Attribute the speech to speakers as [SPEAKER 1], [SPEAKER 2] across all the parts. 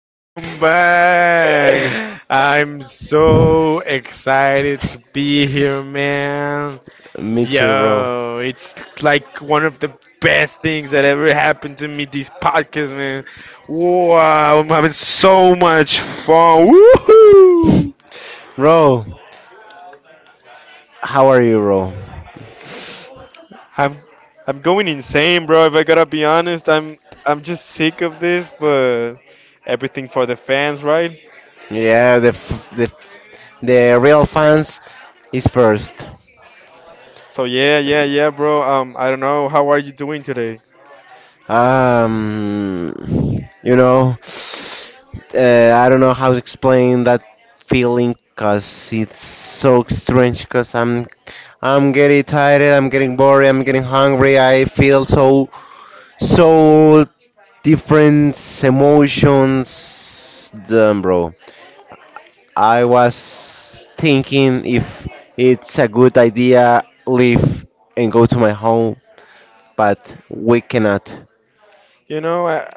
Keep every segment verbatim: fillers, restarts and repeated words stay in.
[SPEAKER 1] Welcome back. I'm so excited to be here, man.
[SPEAKER 2] Me too, bro.
[SPEAKER 1] Yo, it's like one of the best things that ever happened to me this podcast, man. Wow, I'm having so much fun. Woohoo!
[SPEAKER 2] Bro, how are you, bro?
[SPEAKER 1] I'm I'm going insane, bro. If I gotta be honest, I'm I'm just sick of this, but everything for the fans, right?
[SPEAKER 2] Yeah, the f- the the real fans is first.
[SPEAKER 1] So yeah, yeah, yeah, bro. Um, I don't know. How are you doing today?
[SPEAKER 2] Um, you know, uh, I don't know how to explain that feeling, cause it's so strange. Cause I'm I'm getting tired, I'm getting bored, I'm getting hungry. I feel so so different emotions. Damn, bro. I was thinking if it's a good idea leave and go to my home, but we cannot.
[SPEAKER 1] You know, I,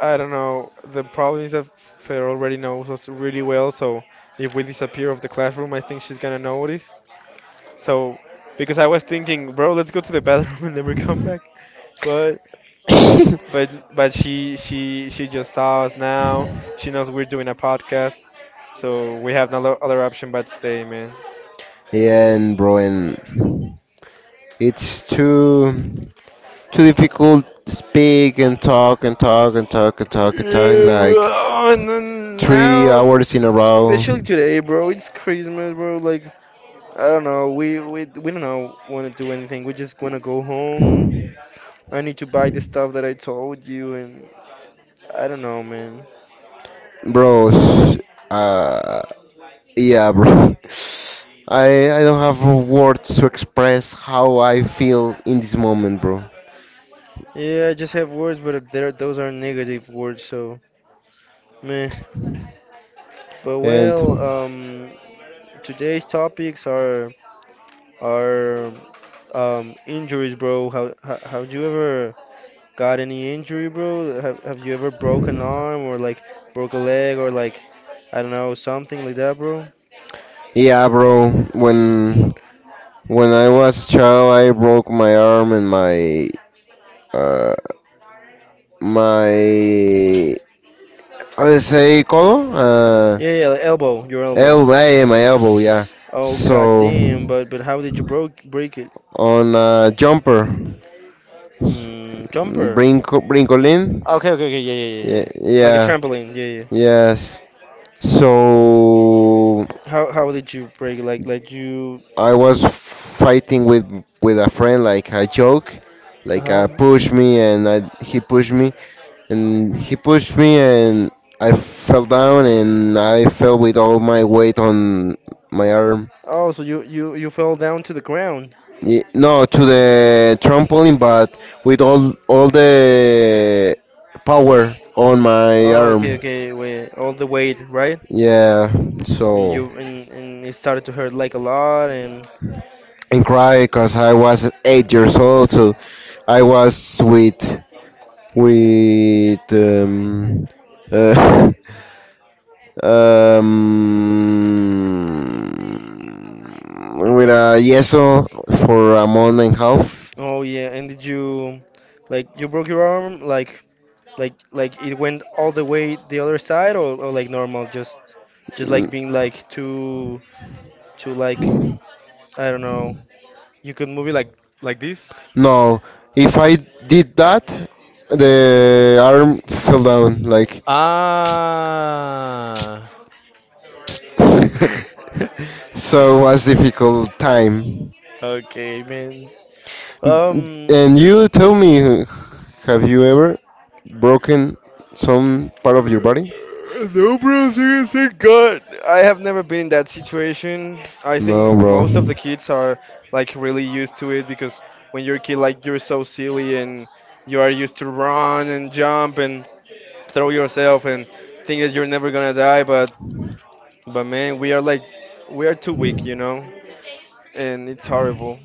[SPEAKER 1] I don't know. The problem is that Fer already knows us really well. So if we disappear of the classroom, I think she's gonna notice. So because I was thinking, bro, let's go to the bathroom and then we come back. But
[SPEAKER 2] Yeah,
[SPEAKER 1] but but she she she just saw us now. She knows we're doing a podcast. So we have no other option but stay, man.
[SPEAKER 2] and bro, and it's too too difficult to speak and talk and talk and talk and talk and talk
[SPEAKER 1] Yeah,
[SPEAKER 2] like
[SPEAKER 1] well, and then
[SPEAKER 2] three
[SPEAKER 1] now.
[SPEAKER 2] hours in a row,
[SPEAKER 1] Especially today, bro. It's Christmas, bro. Like I don't know. We we we don't know want to do anything. We just gonna go home. I need to buy the stuff that I told you, and I don't know, man.
[SPEAKER 2] bro. s- Uh, Yeah, bro. I I don't have words to express how I feel in this moment, bro.
[SPEAKER 1] Yeah, I just have words, but there those are negative words, so meh. But
[SPEAKER 2] And
[SPEAKER 1] well, um, today's topics are are um injuries, bro. How how how do you ever got any injury, bro? Have Have you ever broke an arm or like broke a leg or like I don't know something like that, bro?
[SPEAKER 2] yeah, bro, when when I was a child, I broke my arm and my uh my how do you say colo? Uh,
[SPEAKER 1] Yeah, yeah, like elbow, your elbow.
[SPEAKER 2] elbow, eh, my elbow, yeah.
[SPEAKER 1] Oh god
[SPEAKER 2] So
[SPEAKER 1] damn! But but how did you broke break it?
[SPEAKER 2] on a jumper,
[SPEAKER 1] Hmm, jumper.
[SPEAKER 2] brinco, brincolin.
[SPEAKER 1] Okay, okay, okay, yeah, yeah, yeah,
[SPEAKER 2] Yeah,
[SPEAKER 1] yeah, like a
[SPEAKER 2] yeah,
[SPEAKER 1] trampoline. Yeah, yeah.
[SPEAKER 2] yes. So
[SPEAKER 1] How how did you break it? Like like you?
[SPEAKER 2] I was fighting with with a friend, like a joke,
[SPEAKER 1] Uh
[SPEAKER 2] like uh,
[SPEAKER 1] huh.
[SPEAKER 2] push me, and I, he pushed me, and he pushed me, and I fell down, and I fell with all my weight on my arm.
[SPEAKER 1] Oh, so you you you fell down to the ground.
[SPEAKER 2] Y- No, to the trampoline, but with all all the power on my
[SPEAKER 1] Oh, okay,
[SPEAKER 2] arm.
[SPEAKER 1] okay, wait, all the weight, right?
[SPEAKER 2] Yeah,
[SPEAKER 1] And
[SPEAKER 2] so.
[SPEAKER 1] you and and it started to hurt like a lot, and
[SPEAKER 2] And cry because I was eight years old. So I was with with um, uh, um, with a yeso for a month and a half.
[SPEAKER 1] oh yeah, and did you like you broke your arm like like like it went all the way the other side, or, or like normal, just just like
[SPEAKER 2] N-
[SPEAKER 1] being like too too like I don't know, you could move it like like this.
[SPEAKER 2] No, if I did that, the arm fell down. Like
[SPEAKER 1] Ah.
[SPEAKER 2] so it was difficult time.
[SPEAKER 1] Okay, man.
[SPEAKER 2] M-
[SPEAKER 1] Um,
[SPEAKER 2] And you tell me, have you ever broken some part of your body?
[SPEAKER 1] No, bro, seriously, God. I have never been in that situation. I
[SPEAKER 2] No,
[SPEAKER 1] think
[SPEAKER 2] bro.
[SPEAKER 1] most of the kids are like really used to it because when you're a kid, like you're so silly and you are used to run and jump and throw yourself and think that you're never gonna die. But but man, we are like we are too weak, you know, and it's horrible.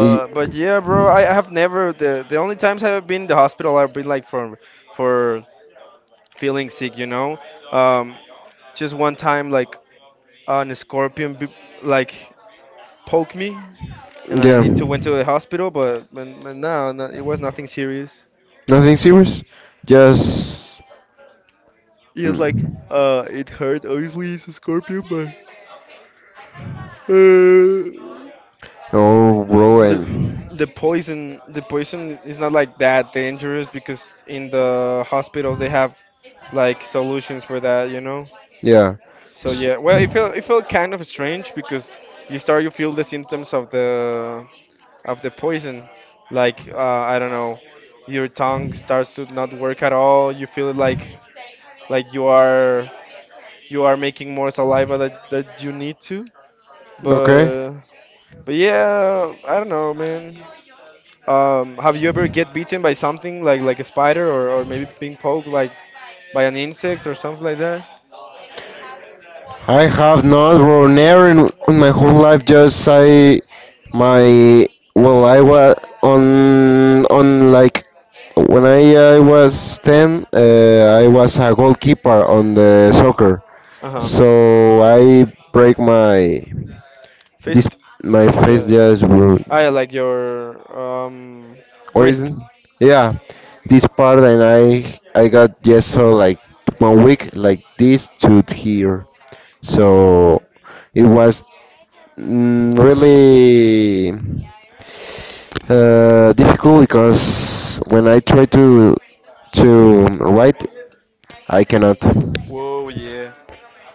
[SPEAKER 2] Ye-
[SPEAKER 1] but yeah, bro, I I have never, the the only times I've been in the hospital, I've been like for for feeling sick, you know. Um, Just one time, like an scorpion, b- like poked me, and I need to went to the
[SPEAKER 2] Yeah.
[SPEAKER 1] hospital. But but, but no, no, it was nothing serious.
[SPEAKER 2] Nothing serious? Just.
[SPEAKER 1] It was like
[SPEAKER 2] Mm.
[SPEAKER 1] uh, it hurt. Obviously, it's a scorpion, but uh,
[SPEAKER 2] Oh, bro,
[SPEAKER 1] the
[SPEAKER 2] and
[SPEAKER 1] the poison the poison is not like that dangerous because in the hospitals they have like solutions for that, you know.
[SPEAKER 2] yeah,
[SPEAKER 1] So
[SPEAKER 2] S-
[SPEAKER 1] yeah, well, it felt it felt kind of strange because you start you feel the symptoms of the of the poison. Like uh, I don't know, your tongue starts to not work at all. You feel it like like you are you are making more saliva that that you need to.
[SPEAKER 2] okay.
[SPEAKER 1] But but yeah, I don't know, man. Um, have you ever get beaten by something like like a spider, or, or maybe being poked like by an insect or something like that?
[SPEAKER 2] I have not run ever in, in my whole life. Just I my well, I was on on like when I, I was ten. Uh, I was a goalkeeper on the soccer,
[SPEAKER 1] Uh-huh.
[SPEAKER 2] so I break my this
[SPEAKER 1] Fist?
[SPEAKER 2] my face
[SPEAKER 1] Yeah.
[SPEAKER 2] just bro.
[SPEAKER 1] Ah, yeah, like your um
[SPEAKER 2] Or
[SPEAKER 1] wrist.
[SPEAKER 2] isn't? Yeah, this part and I I got just so like one week like this to here. So it was mm, really uh, difficult because when I try to to write, I cannot.
[SPEAKER 1] Whoa, yeah.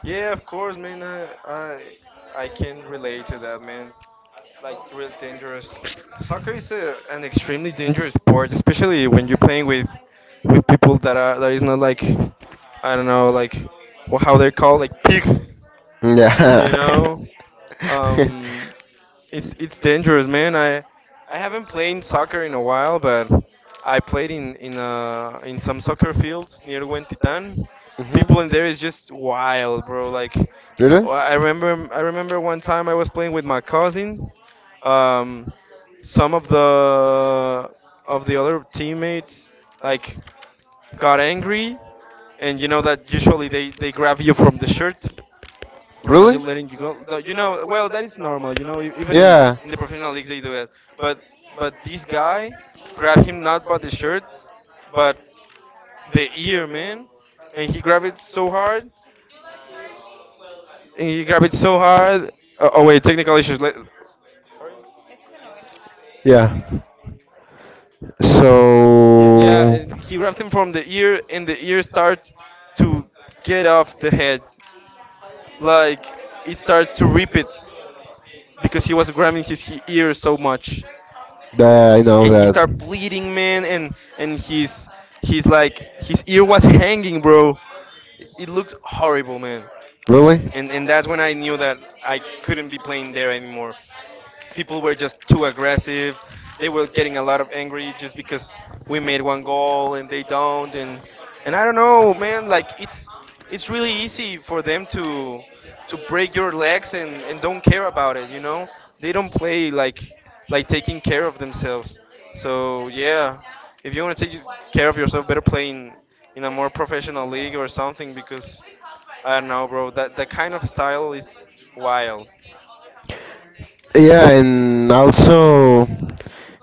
[SPEAKER 1] Yeah, of course, man. I I, I can relate to that, man. It's like real dangerous. Soccer is a, an extremely dangerous sport, especially when you're playing with with people that are that is not like I don't know, like wha- how they're called, like pig,
[SPEAKER 2] Yeah.
[SPEAKER 1] you know. Um, it's it's dangerous, man. I I haven't played soccer in a while, but I played in in uh in some soccer fields near Huentitan. People
[SPEAKER 2] Mhm.
[SPEAKER 1] in there is just wild, bro. Like
[SPEAKER 2] Really?
[SPEAKER 1] I remember I remember one time I was playing with my cousin. Um, some of the of the other teammates like got angry, and you know that usually they they grab you from the shirt for not
[SPEAKER 2] Really?
[SPEAKER 1] letting you go. Though, you know, well, that is normal. You know, e- even in,
[SPEAKER 2] Yeah.
[SPEAKER 1] in the professional leagues they do that. But but this guy grabbed him not by the shirt, but the ear, man, and he grabbed it so hard. And he grabbed it so hard. Oh, oh wait, technical issues. Let,
[SPEAKER 2] Yeah.
[SPEAKER 1] yeah, yeah.
[SPEAKER 2] So
[SPEAKER 1] And he grabbed him from the ear, and the ear starts to get off the head. Like it started to rip it because he was grabbing his he- ear so much.
[SPEAKER 2] that I know
[SPEAKER 1] And he
[SPEAKER 2] that.
[SPEAKER 1] started bleeding, man, and and his he's like his ear was hanging, bro. It it looks horrible, man.
[SPEAKER 2] Really? And,
[SPEAKER 1] And and that's when I knew that I couldn't be playing there anymore. People were just too aggressive. They were getting a lot of angry just because we made one goal and they don't. And and I don't know, man. Like it's it's really easy for them to to break your legs and and don't care about it. You know, they don't play like like taking care of themselves. So yeah, if you want to take care of yourself, better play in in a more professional league or something because I don't know, bro. That that kind of style is wild.
[SPEAKER 2] yeah, and also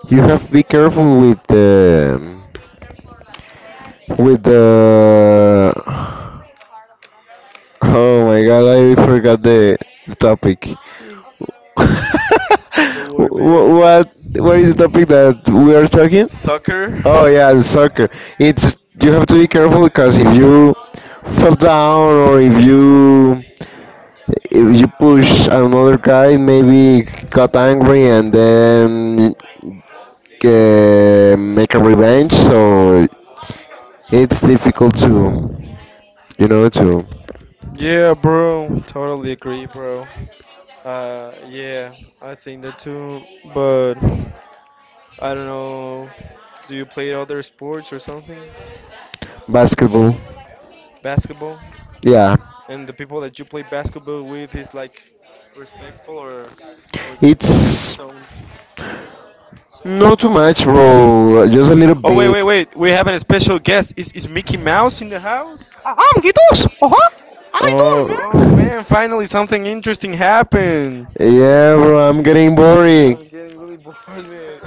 [SPEAKER 2] you have to be careful with the with the. Oh my God! I forgot the, the topic.
[SPEAKER 1] Don't
[SPEAKER 2] Wh-
[SPEAKER 1] worry, man.
[SPEAKER 2] what what is the topic that we are talking?
[SPEAKER 1] Soccer?
[SPEAKER 2] Oh yeah, the soccer. It's you have to be careful because if you fall down or if you if you push another guy, maybe got angry and then uh, make a revenge. So it's difficult to you know to
[SPEAKER 1] Yeah, bro. Totally agree, bro. Uh, yeah, I think that too. But I don't know. Do you play other sports or something?
[SPEAKER 2] basketball.
[SPEAKER 1] Basketball?
[SPEAKER 2] Yeah,
[SPEAKER 1] And the people that you play basketball with is like respectful, or or they just
[SPEAKER 2] it's
[SPEAKER 1] don't?
[SPEAKER 2] not too much, bro. Just a little
[SPEAKER 1] Oh wait, wait,
[SPEAKER 2] bit.
[SPEAKER 1] wait. We have a special guest. Is is Mickey Mouse in the house? Uh, I'm Gitos. Uh huh. How you doing,
[SPEAKER 2] Oh.
[SPEAKER 1] man? Oh man, finally something interesting happened.
[SPEAKER 2] Yeah, bro, I'm getting boring.
[SPEAKER 1] I'm getting really bored, man.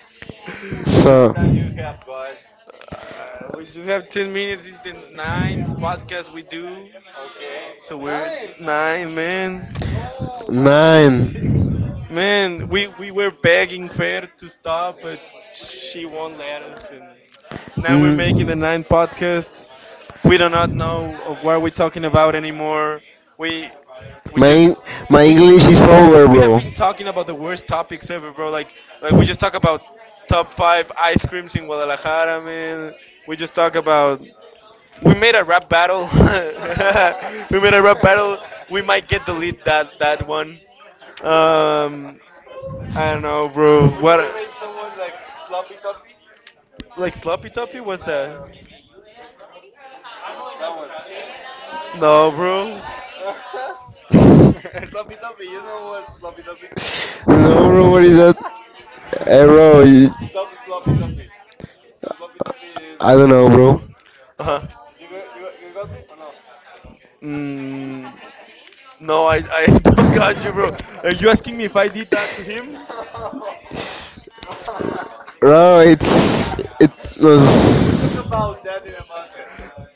[SPEAKER 1] we just
[SPEAKER 2] So.
[SPEAKER 1] uh, we just have ten minutes. It's the ninth podcast we do, so we're nine, man.
[SPEAKER 2] Nine.
[SPEAKER 1] Man, we we were begging Fer to stop, but she won't let us, and now we're making
[SPEAKER 2] Mm.
[SPEAKER 1] the ninth podcast. We do not know of what we're talking about anymore. We we
[SPEAKER 2] My Eng-
[SPEAKER 1] just
[SPEAKER 2] my
[SPEAKER 1] we
[SPEAKER 2] English is over,
[SPEAKER 1] we have
[SPEAKER 2] bro.
[SPEAKER 1] been talking about the worst topics ever, bro. Like, like we just talk about top five ice creams in Guadalajara, man. We just talk about. We made a rap battle. We made a rap battle. We might get delete that that one. Um, I don't know, bro. What? Like sloppy toppy? What's that? No, bro.
[SPEAKER 2] No, bro, what is that? Hey, bro, y- I don't know, bro.
[SPEAKER 1] Uh huh. Mm, no, I I don't got you, bro. Are you asking me if I did that to him?
[SPEAKER 2] Bro, it's it was. Uh,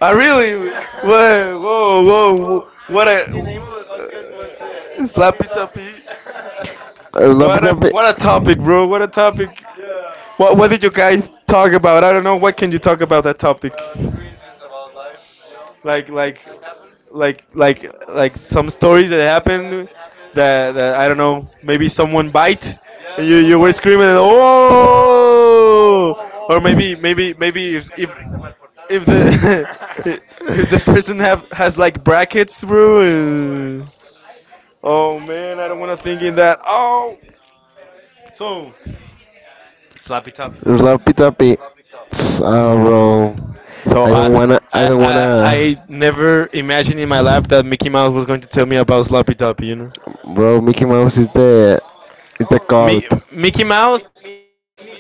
[SPEAKER 1] I really. Whoa, whoa, whoa, whoa. What a. Slappy tappy.
[SPEAKER 2] Labuda-
[SPEAKER 1] What a
[SPEAKER 2] Sloppy
[SPEAKER 1] what a topic, bro. What a topic. What what did you guys talk about? I don't know. What can you talk about that topic? Like like like like like some stories that happened, that, that I don't know. Maybe someone bite. And you you were screaming oh, or maybe maybe maybe if, if if the if the person have has like brackets through. Uh, oh man, I don't want to think in that. Oh, so sloppy top.
[SPEAKER 2] toppy. Ah, bro.
[SPEAKER 1] So
[SPEAKER 2] I don't
[SPEAKER 1] I.
[SPEAKER 2] wanna. I
[SPEAKER 1] I,
[SPEAKER 2] don't
[SPEAKER 1] I
[SPEAKER 2] wanna.
[SPEAKER 1] I never imagined in my life that Mickey Mouse was going to tell me about Sloppy Toppy, you know.
[SPEAKER 2] Bro, Mickey Mouse is the is the
[SPEAKER 1] Mi-
[SPEAKER 2] goat.
[SPEAKER 1] Mickey Mouse,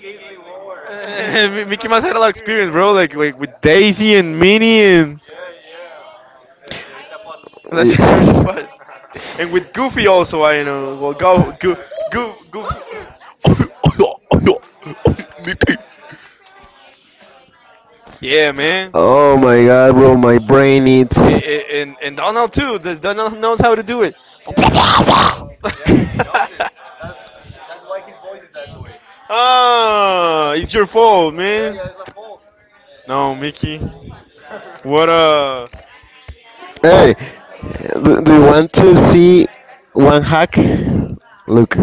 [SPEAKER 1] Mickey Mouse had a lot of experience, bro. Like like with Daisy and Minnie and, let's
[SPEAKER 2] We-
[SPEAKER 1] enjoy the bus. And with Goofy also, I know. Well, go, go, go, Goofy. Mickey. Yeah, man.
[SPEAKER 2] Oh my god, bro, my brain needs.
[SPEAKER 1] I- I- And and Donald too. Does Donald knows how to do it? Ah, it's your fault, man. No, Mickey. What uh?
[SPEAKER 2] Hey, do, do you want to see one hack? Look.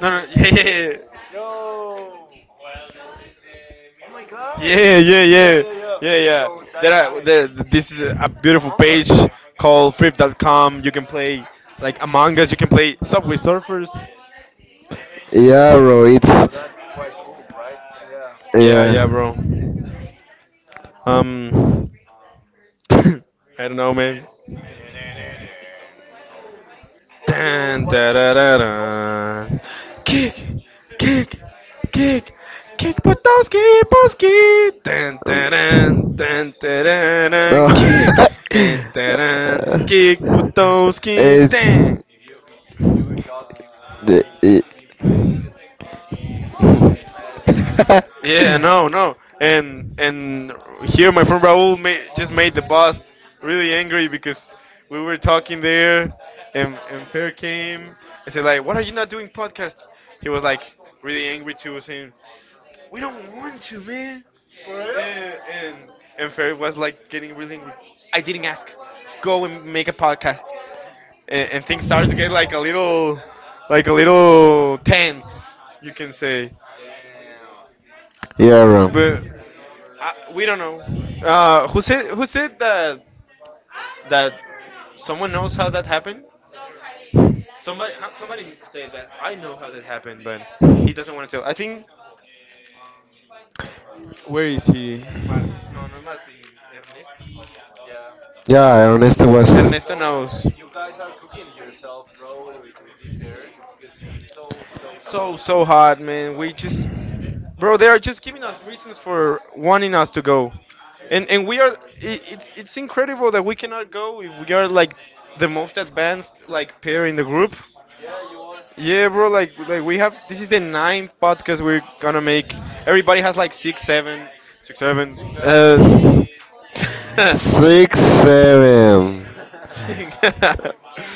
[SPEAKER 1] No, no. Yeah, yeah, yeah. Yeah, yeah, yeah, yeah, yeah. There are there. This is a beautiful page called flip dot com. You can play like Among Us. You can play Subway Surfers.
[SPEAKER 2] Yeah, bro, it's.
[SPEAKER 1] Yeah,
[SPEAKER 2] Yeah.
[SPEAKER 1] yeah, bro. Um, I don't know, man. Dun, da, da, da, dun. Kick, kick, kick, kick Podolski, Podolski. Dun, da, dun,
[SPEAKER 2] Um,
[SPEAKER 1] dun, da, da,
[SPEAKER 2] No.
[SPEAKER 1] dun. Kick, dun, da, dun.
[SPEAKER 2] Uh,
[SPEAKER 1] Kick Podolski.
[SPEAKER 2] It's
[SPEAKER 1] Dun.
[SPEAKER 2] the it.
[SPEAKER 1] Yeah, no, no. And and here my friend Raul ma- just made the boss really angry because we were talking there, and, and, Fair came and said like, what are you not doing podcast? He was like really angry too, saying, we don't want to, man. And and, and Ferry was like getting really angry. I didn't ask. Go and make a podcast. And, and things started to get like a little, like a little tense, you can say.
[SPEAKER 2] yeah,
[SPEAKER 1] But
[SPEAKER 2] bro.
[SPEAKER 1] I, we don't know. Uh, who said who said that that someone knows how that happened? Somebody somebody said that I know how that happened, but he doesn't want to tell. I think. Where is he?
[SPEAKER 2] Yeah, I honestly was.
[SPEAKER 1] Ernesto knows. So so hard, man. We just... Bro, they are just giving us reasons for wanting us to go, and and we are. I it's it's incredible that we cannot go if we are like the most advanced like pair in the group. Yeah, bro. Like like we have. This is the ninth podcast we're gonna make. Everybody has like six, seven, six, seven. Uh, but
[SPEAKER 2] Six seven.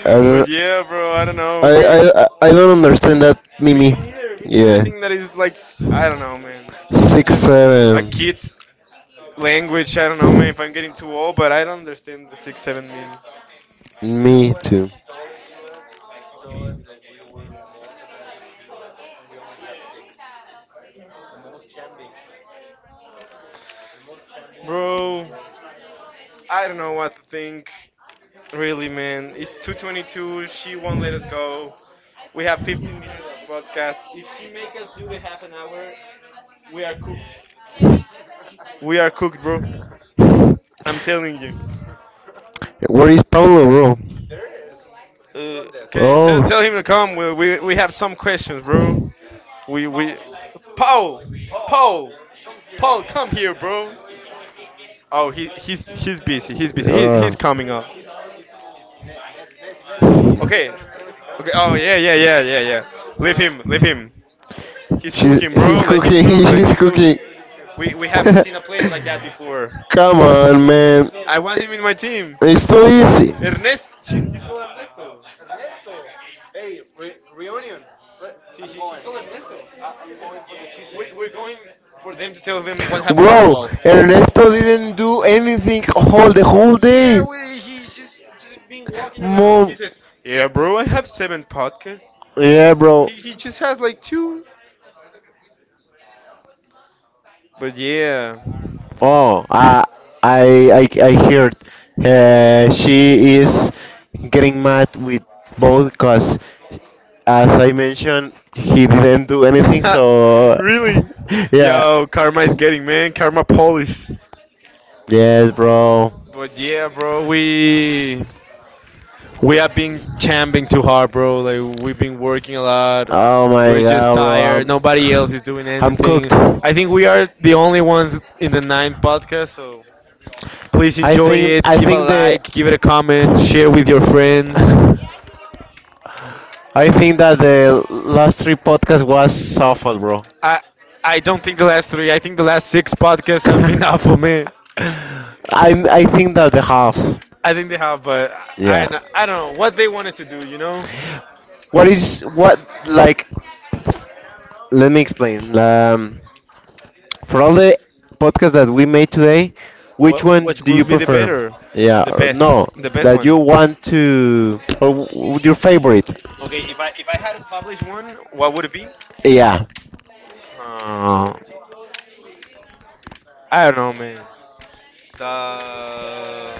[SPEAKER 2] I don't,
[SPEAKER 1] yeah, bro. I don't know.
[SPEAKER 2] I,
[SPEAKER 1] We...
[SPEAKER 2] I I don't understand that,
[SPEAKER 1] me
[SPEAKER 2] Mimi.
[SPEAKER 1] me neither. Me neither. I think that is like, I don't know, man.
[SPEAKER 2] Six
[SPEAKER 1] Just a
[SPEAKER 2] seven.
[SPEAKER 1] kid's language. I don't know, man, if I'm getting too old, but I don't understand the six seven meme.
[SPEAKER 2] Thing. Me
[SPEAKER 1] Bro, I don't know what to think. Really, man. It's two twenty-two. She won't let us go. We have fifteen minutes of podcast. If she make us do the half an hour, we are cooked. We are cooked, bro.
[SPEAKER 2] Where
[SPEAKER 1] I'm telling you.
[SPEAKER 2] is Pablo, bro?
[SPEAKER 1] Uh, okay, tell, tell him to
[SPEAKER 2] Oh,
[SPEAKER 1] come. We, we, we have some questions, bro. We we Paul, Paul, Paul, come here, bro. Oh, he he's he's busy. He's busy. He,
[SPEAKER 2] uh,
[SPEAKER 1] he's coming up. Okay. Okay. Oh yeah, yeah, yeah, yeah, yeah. Leave him. Leave him. He's
[SPEAKER 2] she's
[SPEAKER 1] cooking,
[SPEAKER 2] he's
[SPEAKER 1] bro. Let him
[SPEAKER 2] cooking.
[SPEAKER 1] cook. Let
[SPEAKER 2] She's
[SPEAKER 1] him cook.
[SPEAKER 2] cooking.
[SPEAKER 1] We we haven't seen a player like that before.
[SPEAKER 2] Come on, man.
[SPEAKER 1] I want him in my team.
[SPEAKER 2] It's too easy,
[SPEAKER 1] Ernest. She, he, he, he's calling for them to tell them what happened to the
[SPEAKER 2] bro.
[SPEAKER 1] wall.
[SPEAKER 2] Ernesto didn't do anything all the whole
[SPEAKER 1] Yeah,
[SPEAKER 2] day.
[SPEAKER 1] we, he's just, just been walking around and
[SPEAKER 2] Mom.
[SPEAKER 1] he says, "Yeah, bro, I have seven podcasts."
[SPEAKER 2] Yeah, bro.
[SPEAKER 1] He he just has like two. But yeah.
[SPEAKER 2] Oh, I I I, I heard uh, she is getting mad with both because, as I mentioned, he didn't do anything. So,
[SPEAKER 1] really?
[SPEAKER 2] yeah.
[SPEAKER 1] Yo, karma is getting, man, karma police.
[SPEAKER 2] Yes, bro.
[SPEAKER 1] But yeah, bro, we we have been champing too hard, bro. Like we've been working a lot.
[SPEAKER 2] Oh my
[SPEAKER 1] We're just
[SPEAKER 2] god,
[SPEAKER 1] tired.
[SPEAKER 2] bro.
[SPEAKER 1] Nobody else
[SPEAKER 2] I'm
[SPEAKER 1] is doing
[SPEAKER 2] I'm
[SPEAKER 1] anything.
[SPEAKER 2] cooked.
[SPEAKER 1] I think we are the only ones in the ninth podcast. So please
[SPEAKER 2] I
[SPEAKER 1] enjoy
[SPEAKER 2] think
[SPEAKER 1] it.
[SPEAKER 2] I
[SPEAKER 1] Give a
[SPEAKER 2] think the
[SPEAKER 1] like. Give it a comment. Share with your friends.
[SPEAKER 2] I think that the last three podcasts was awful, bro.
[SPEAKER 1] I I don't think the last three. I think the last six podcasts have been awful, man.
[SPEAKER 2] I I think that the half.
[SPEAKER 1] I think they have, but
[SPEAKER 2] Yeah.
[SPEAKER 1] I I don't know what they wanted to do. You know,
[SPEAKER 2] What is what like? Let me explain. Um, for all the podcasts that we made today, which
[SPEAKER 1] what,
[SPEAKER 2] one
[SPEAKER 1] which
[SPEAKER 2] do you
[SPEAKER 1] would be the
[SPEAKER 2] prefer?
[SPEAKER 1] better,
[SPEAKER 2] Yeah.
[SPEAKER 1] the
[SPEAKER 2] Or
[SPEAKER 1] best,
[SPEAKER 2] no,
[SPEAKER 1] the best
[SPEAKER 2] that you
[SPEAKER 1] one.
[SPEAKER 2] want to or w- w- your favorite?
[SPEAKER 1] Okay, if I if I had to publish one, what would it be?
[SPEAKER 2] Yeah.
[SPEAKER 1] Uh, I don't know, man. The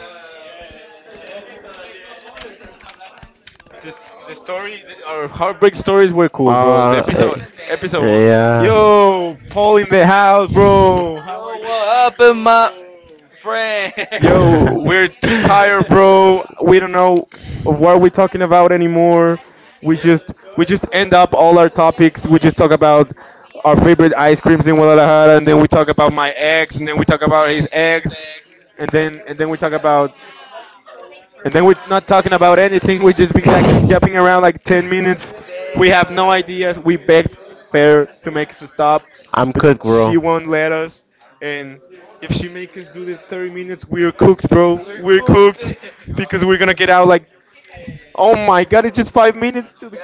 [SPEAKER 1] this the story, our heartbreak stories were cool, bro. The
[SPEAKER 2] Uh, eh,
[SPEAKER 1] episode episode one.
[SPEAKER 2] yeah.
[SPEAKER 1] Yo, Paul in the house, bro. Yo, we're too tired, bro. We don't know what we're talking about anymore. We just we just end up all our topics. We just talk about our favorite ice creams in Guadalajara, and then we talk about my ex, and then we talk about his ex, and then and then we talk about, and then we're not talking about anything. We just been jacking, jumping around like ten minutes. We have no ideas. We begged Fair to make us stop,
[SPEAKER 2] I'm cooked, bro.
[SPEAKER 1] she won't let us, and if she make us do the thirty minutes, we're cooked, bro. We're, we're cooked. cooked, because we're gonna get out like, oh my god, it's just five minutes to the...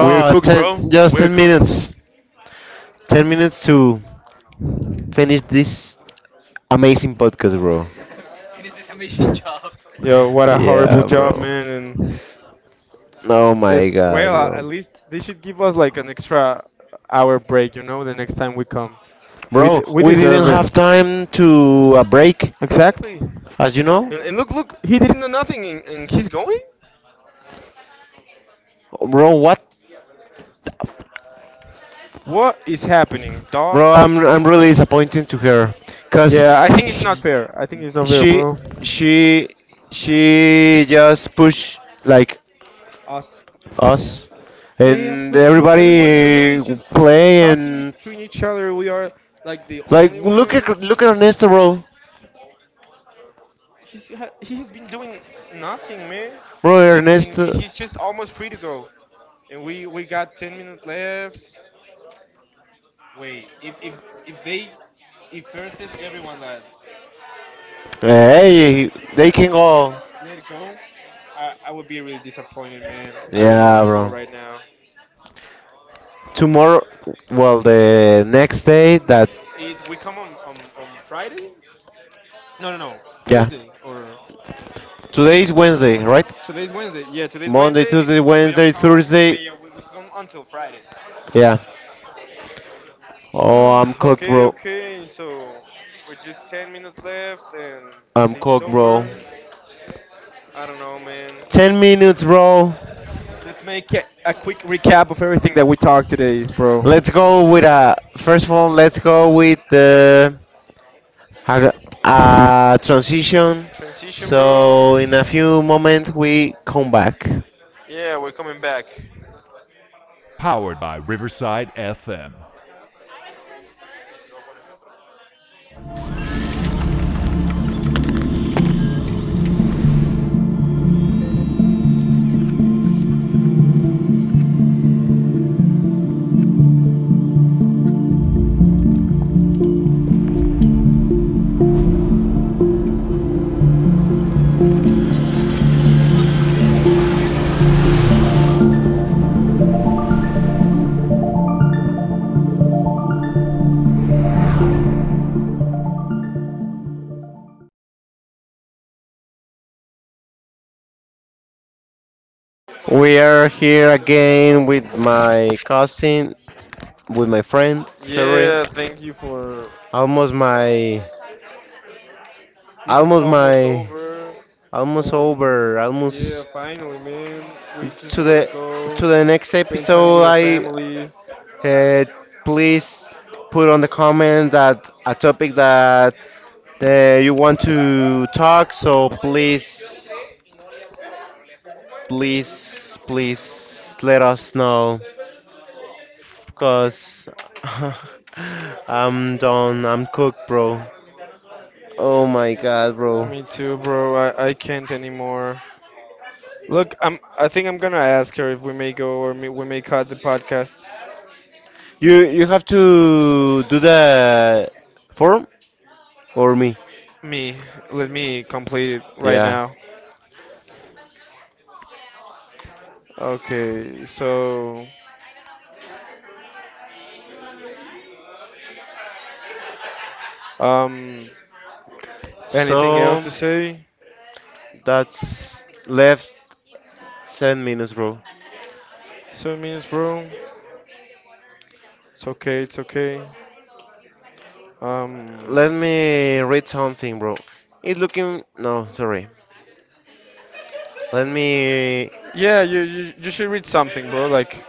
[SPEAKER 1] We're cooked,
[SPEAKER 2] ten,
[SPEAKER 1] bro.
[SPEAKER 2] just
[SPEAKER 1] We're
[SPEAKER 2] ten
[SPEAKER 1] cooked.
[SPEAKER 2] minutes. ten minutes to finish this amazing podcast, bro.
[SPEAKER 1] Yo, what a horrible
[SPEAKER 2] Yeah,
[SPEAKER 1] job,
[SPEAKER 2] bro.
[SPEAKER 1] man. And
[SPEAKER 2] Oh my
[SPEAKER 1] and
[SPEAKER 2] god,
[SPEAKER 1] well, a-
[SPEAKER 2] bro.
[SPEAKER 1] at least they should give us like an extra hour break, you know, the next time we come. We
[SPEAKER 2] Bro,
[SPEAKER 1] d- we
[SPEAKER 2] we didn't
[SPEAKER 1] deserve it.
[SPEAKER 2] have time to a break,
[SPEAKER 1] Exactly.
[SPEAKER 2] as you know.
[SPEAKER 1] And, and look, look, he didn't know nothing, and, and he's going.
[SPEAKER 2] Bro, what?
[SPEAKER 1] What is happening, dog?
[SPEAKER 2] Bro, I'm I'm really disappointed to her, cause
[SPEAKER 1] Yeah, I think it's not fair. fair. I think it's not fair,
[SPEAKER 2] she
[SPEAKER 1] bro.
[SPEAKER 2] she she just push like
[SPEAKER 1] Us.
[SPEAKER 2] us,
[SPEAKER 1] Yeah, yeah, yeah.
[SPEAKER 2] and
[SPEAKER 1] Look, look. Everyone in the room
[SPEAKER 2] everybody
[SPEAKER 1] is just
[SPEAKER 2] play
[SPEAKER 1] talking
[SPEAKER 2] and
[SPEAKER 1] between each other. We are like the
[SPEAKER 2] like
[SPEAKER 1] only
[SPEAKER 2] look at
[SPEAKER 1] ones.
[SPEAKER 2] look at Ernesto, bro,
[SPEAKER 1] He's ha- he has been doing nothing, man,
[SPEAKER 2] bro
[SPEAKER 1] and and
[SPEAKER 2] Ernesto.
[SPEAKER 1] he's just almost free to go. And we we got ten minutes left. Wait, if if if they, if first says everyone that
[SPEAKER 2] Hey, they can go.
[SPEAKER 1] let go, I I would be really disappointed, man. I really
[SPEAKER 2] Yeah,
[SPEAKER 1] want to go
[SPEAKER 2] bro.
[SPEAKER 1] right now.
[SPEAKER 2] Tomorrow, well, the next day that
[SPEAKER 1] Next is we come on, on on Friday? No, no, no.
[SPEAKER 2] yeah.
[SPEAKER 1] Thursday, or
[SPEAKER 2] Today is Wednesday, right?
[SPEAKER 1] today's Wednesday. Yeah, today's
[SPEAKER 2] Monday,
[SPEAKER 1] Wednesday.
[SPEAKER 2] Tuesday,
[SPEAKER 1] We don't
[SPEAKER 2] Wednesday,
[SPEAKER 1] come.
[SPEAKER 2] Thursday.
[SPEAKER 1] We we, we come until Friday.
[SPEAKER 2] Yeah. Oh, I'm cooked,
[SPEAKER 1] okay,
[SPEAKER 2] bro.
[SPEAKER 1] okay. So we're just ten minutes left, and
[SPEAKER 2] I'm
[SPEAKER 1] this is
[SPEAKER 2] cooked, bro.
[SPEAKER 1] over. I don't know, man.
[SPEAKER 2] ten minutes, bro.
[SPEAKER 1] Let's make a, a quick recap of everything that we talked today, bro.
[SPEAKER 2] Let's go with a. First of all, let's go with the. Uh, uh, transition.
[SPEAKER 1] Transition, bro.
[SPEAKER 2] So, in a few moments, we come back.
[SPEAKER 1] Yeah, we're coming back.
[SPEAKER 2] We are here again with my cousin, with my friend, sorry.
[SPEAKER 1] Yeah, thank you for...
[SPEAKER 2] Almost my
[SPEAKER 1] This is
[SPEAKER 2] Almost
[SPEAKER 1] almost
[SPEAKER 2] my
[SPEAKER 1] over.
[SPEAKER 2] almost over.
[SPEAKER 1] Um,
[SPEAKER 2] Almost
[SPEAKER 1] yeah, finally, man. We just
[SPEAKER 2] to
[SPEAKER 1] want
[SPEAKER 2] the
[SPEAKER 1] to
[SPEAKER 2] to
[SPEAKER 1] go
[SPEAKER 2] the next
[SPEAKER 1] spend time
[SPEAKER 2] episode.
[SPEAKER 1] with our
[SPEAKER 2] I
[SPEAKER 1] families.
[SPEAKER 2] uh, please put on the comment that a topic that uh, you want to talk. So please, please, please let us know because I'm done. I'm cooked, bro. Oh my god, bro.
[SPEAKER 1] Me too, bro. I, I can't anymore. Look, I'm... I think I'm gonna ask her if we may go, or me, we may cut the podcast.
[SPEAKER 2] You you have to do the form or me?
[SPEAKER 1] Me, let me complete it right
[SPEAKER 2] Yeah.
[SPEAKER 1] now. Okay, so um, anything else
[SPEAKER 2] So
[SPEAKER 1] to say?
[SPEAKER 2] that's left ten minutes, bro.
[SPEAKER 1] Seven minutes, bro. It's okay. It's okay. Um.
[SPEAKER 2] Let me read something, bro. It looking no, sorry. Let me.
[SPEAKER 1] Yeah, you, you you should read something, bro. Like,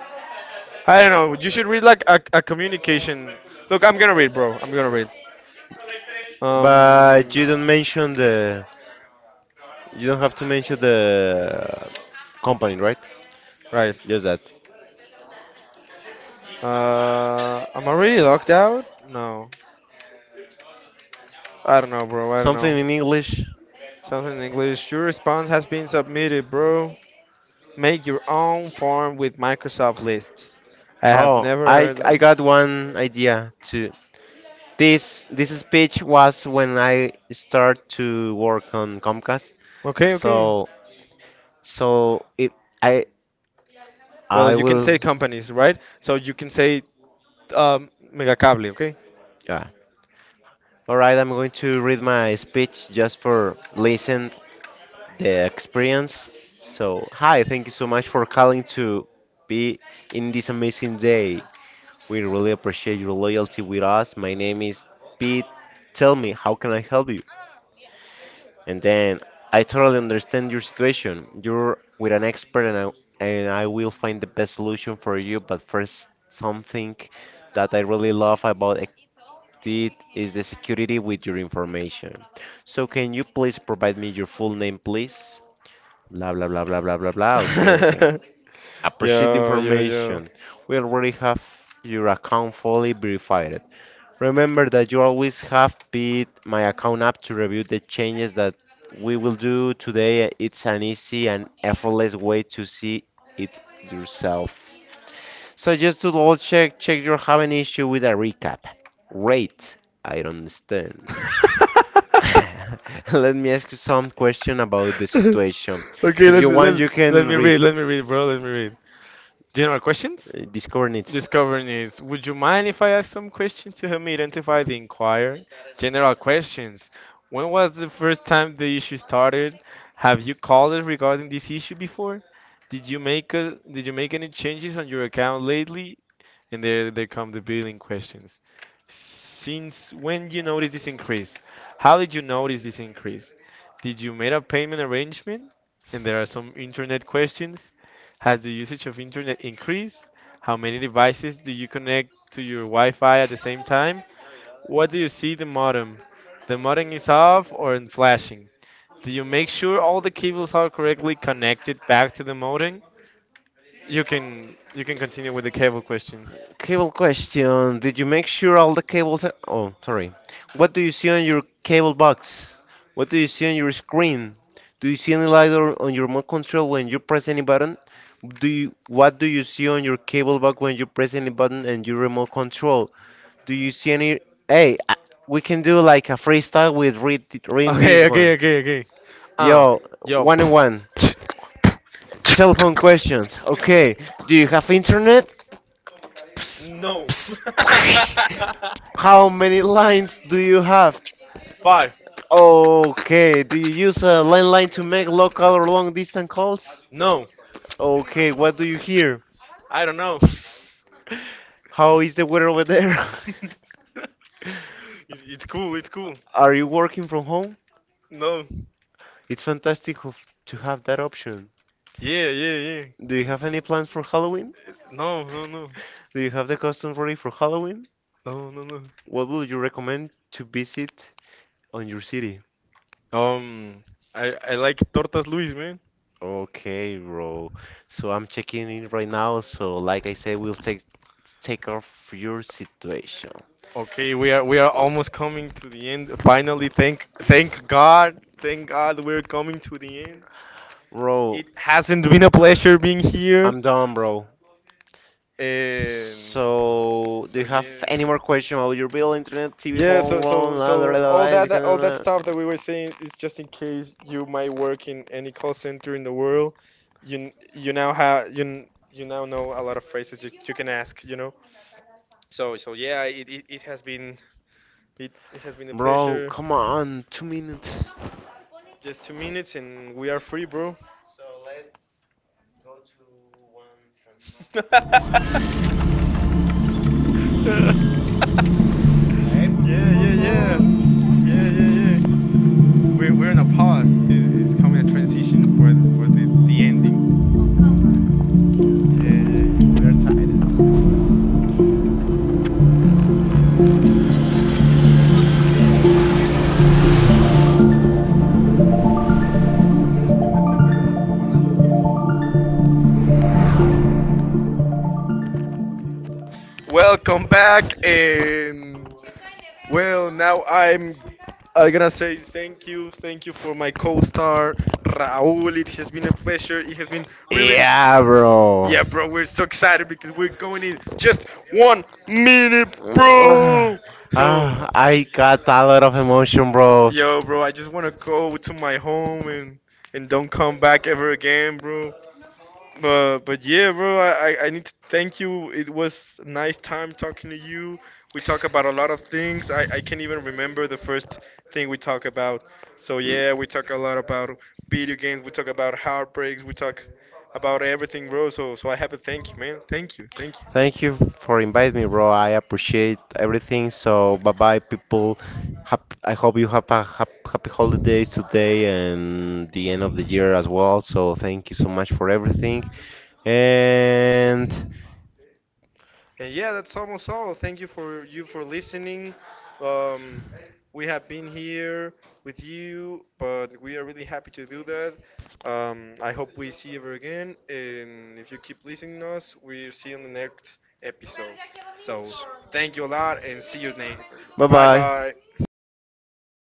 [SPEAKER 1] I don't know, you should read like a, a communication. Look, I'm gonna read, bro. I'm gonna read. Um,
[SPEAKER 2] But you don't mention the. You don't have to mention the company, right?
[SPEAKER 1] right.
[SPEAKER 2] Just that.
[SPEAKER 1] Uh, am I really locked out? No, I don't know, bro. I don't know.
[SPEAKER 2] Something in English.
[SPEAKER 1] Something in English. Your response has been submitted, bro. Make your own form with Microsoft lists. I have
[SPEAKER 2] Oh,
[SPEAKER 1] never
[SPEAKER 2] I
[SPEAKER 1] heard
[SPEAKER 2] I
[SPEAKER 1] of.
[SPEAKER 2] got one idea too. This this speech was when I start to work on Comcast.
[SPEAKER 1] Okay, okay.
[SPEAKER 2] So so it I
[SPEAKER 1] Well,
[SPEAKER 2] I
[SPEAKER 1] you can
[SPEAKER 2] will.
[SPEAKER 1] say companies, right? So you can say um, Megacable, okay?
[SPEAKER 2] Yeah. All right, I'm going to read my speech just for listen the experience. So, hi, thank you so much for calling to be in this amazing day. We really appreciate your loyalty with us. My name is Pete. Tell me, how can I help you? And then I totally understand your situation. You're with an expert, and I, and I will find the best solution for you. But first, something that I really love about did is the security with your information. So can you please provide me your full name, please? Blah blah blah blah blah blah blah. Okay, okay. Appreciate the
[SPEAKER 1] Yo, yo, yo.
[SPEAKER 2] information. We already have your account fully verified. Remember that you always have bit my account up to review the changes that we will do today. It's an easy and effortless way to see it yourself. So just to double check, check you have an issue with a recap. Rate, I don't understand. Let me ask you some question about the situation.
[SPEAKER 1] Okay,
[SPEAKER 2] If
[SPEAKER 1] let,
[SPEAKER 2] you want,
[SPEAKER 1] let,
[SPEAKER 2] you
[SPEAKER 1] let
[SPEAKER 2] can
[SPEAKER 1] me read,
[SPEAKER 2] read
[SPEAKER 1] let me read, bro, let me read. General questions?
[SPEAKER 2] uh, these coordinates.
[SPEAKER 1] Discover needs. Would you mind if I ask some questions to help me identify the inquiry? General questions. When was the first time the issue started? Have you called us regarding this issue before? Did you make a, did you make any changes on your account lately? And there there come the billing questions. Since when you notice this increase? How did you notice this increase? Did you make a payment arrangement? And there are some internet questions. Has the usage of internet increased? How many devices do you connect to your Wi-Fi at the same time? What do you see the modem? The modem is off or in flashing? Do you make sure all the cables are correctly connected back to the modem? You can you can continue with the cable questions.
[SPEAKER 2] Cable question. Did you make sure all the cables are... Oh, sorry. What do you see on your cable box? What do you see on your screen? Do you see any light or on your remote control when you press any button? Do you, what do you see on your cable box when you press any button and your remote control? Do you see any? Hey, I- we can do like a freestyle with read reading
[SPEAKER 1] Okay,
[SPEAKER 2] this
[SPEAKER 1] okay,
[SPEAKER 2] one.
[SPEAKER 1] okay, okay. Uh,
[SPEAKER 2] Yo,
[SPEAKER 1] yo,
[SPEAKER 2] one on one.
[SPEAKER 1] pff,
[SPEAKER 2] Telephone questions. Okay. Do you have internet? Psst, psst. How many lines do you have?
[SPEAKER 1] five.
[SPEAKER 2] Okay. Do you use a landline to make local or long distance calls?
[SPEAKER 1] No,
[SPEAKER 2] Okay. What do you hear?
[SPEAKER 1] I don't know. it's,
[SPEAKER 2] How is the weather over there?
[SPEAKER 1] it's cool, it's cool.
[SPEAKER 2] Are you working from home?
[SPEAKER 1] No.
[SPEAKER 2] It's fantastic of- to have that option.
[SPEAKER 1] Yeah, yeah, yeah.
[SPEAKER 2] Do you have any plans for Halloween?
[SPEAKER 1] No, no, no,
[SPEAKER 2] Do you have the costume ready for Halloween?
[SPEAKER 1] no, no, no.
[SPEAKER 2] What would you recommend to visit on your city?
[SPEAKER 1] Um, I I like tortas, Luis, man.
[SPEAKER 2] Okay, bro. So I'm checking in right now. So like I said, we'll take take off your situation,
[SPEAKER 1] Okay, we are we are almost coming to the end. Finally, thank thank God, thank God, we're coming to the end.
[SPEAKER 2] bro.
[SPEAKER 1] It hasn't been a pleasure being here.
[SPEAKER 2] I'm done, bro.
[SPEAKER 1] And
[SPEAKER 2] So do
[SPEAKER 1] so,
[SPEAKER 2] you have any more
[SPEAKER 1] yeah,
[SPEAKER 2] question about your bill, internet, T V,
[SPEAKER 1] yeah,
[SPEAKER 2] phone,
[SPEAKER 1] so so
[SPEAKER 2] loan, la la
[SPEAKER 1] so
[SPEAKER 2] la la?
[SPEAKER 1] all
[SPEAKER 2] La, you
[SPEAKER 1] that
[SPEAKER 2] can,
[SPEAKER 1] that- all that
[SPEAKER 2] uh,
[SPEAKER 1] stuff that we were saying is just in case you might work in any call center in the world. You n- you now have you n- you now know a lot of phrases you, you can ask, you know. So so yeah, it, it, it has been, it, it has been a
[SPEAKER 2] Bro,
[SPEAKER 1] pleasure.
[SPEAKER 2] come on, two minutes.
[SPEAKER 1] Just two minutes and we are free, bro. yeah, Yeah, yeah, yeah. Yeah, yeah, yeah. We're we're in a pause. Is is coming a transition for the, for the the ending. Yeah, yeah. Welcome back, and well, now I'm I'm gonna say thank you, thank you for my co-star Raúl. It has been a pleasure. It has been really.
[SPEAKER 2] Yeah, bro.
[SPEAKER 1] Yeah, bro, we're so excited because we're going in just one minute, bro. So.
[SPEAKER 2] ah, I got a lot of emotion, bro.
[SPEAKER 1] Yo, bro, I just wanna go to my home and and don't come back ever again, bro. But but yeah, bro, I, I I need to thank you. It was a nice time talking to you. We talk about a lot of things. I, I can't even remember the first thing we talk about. So yeah, we talk a lot about video games. We talk about heartbreaks. We talk about everything, bro. So so I have to thank you, man. Thank you, thank you.
[SPEAKER 2] Thank you for inviting me, bro. I appreciate everything. So
[SPEAKER 1] And yeah, that's almost all. Thank you for you for listening. Um, we have been here with you, but we are really happy to do that. Um, I hope we see you ever again, and if you keep listening to us, we'll see you in the next episode. So thank you a lot, and see you next. Bye bye.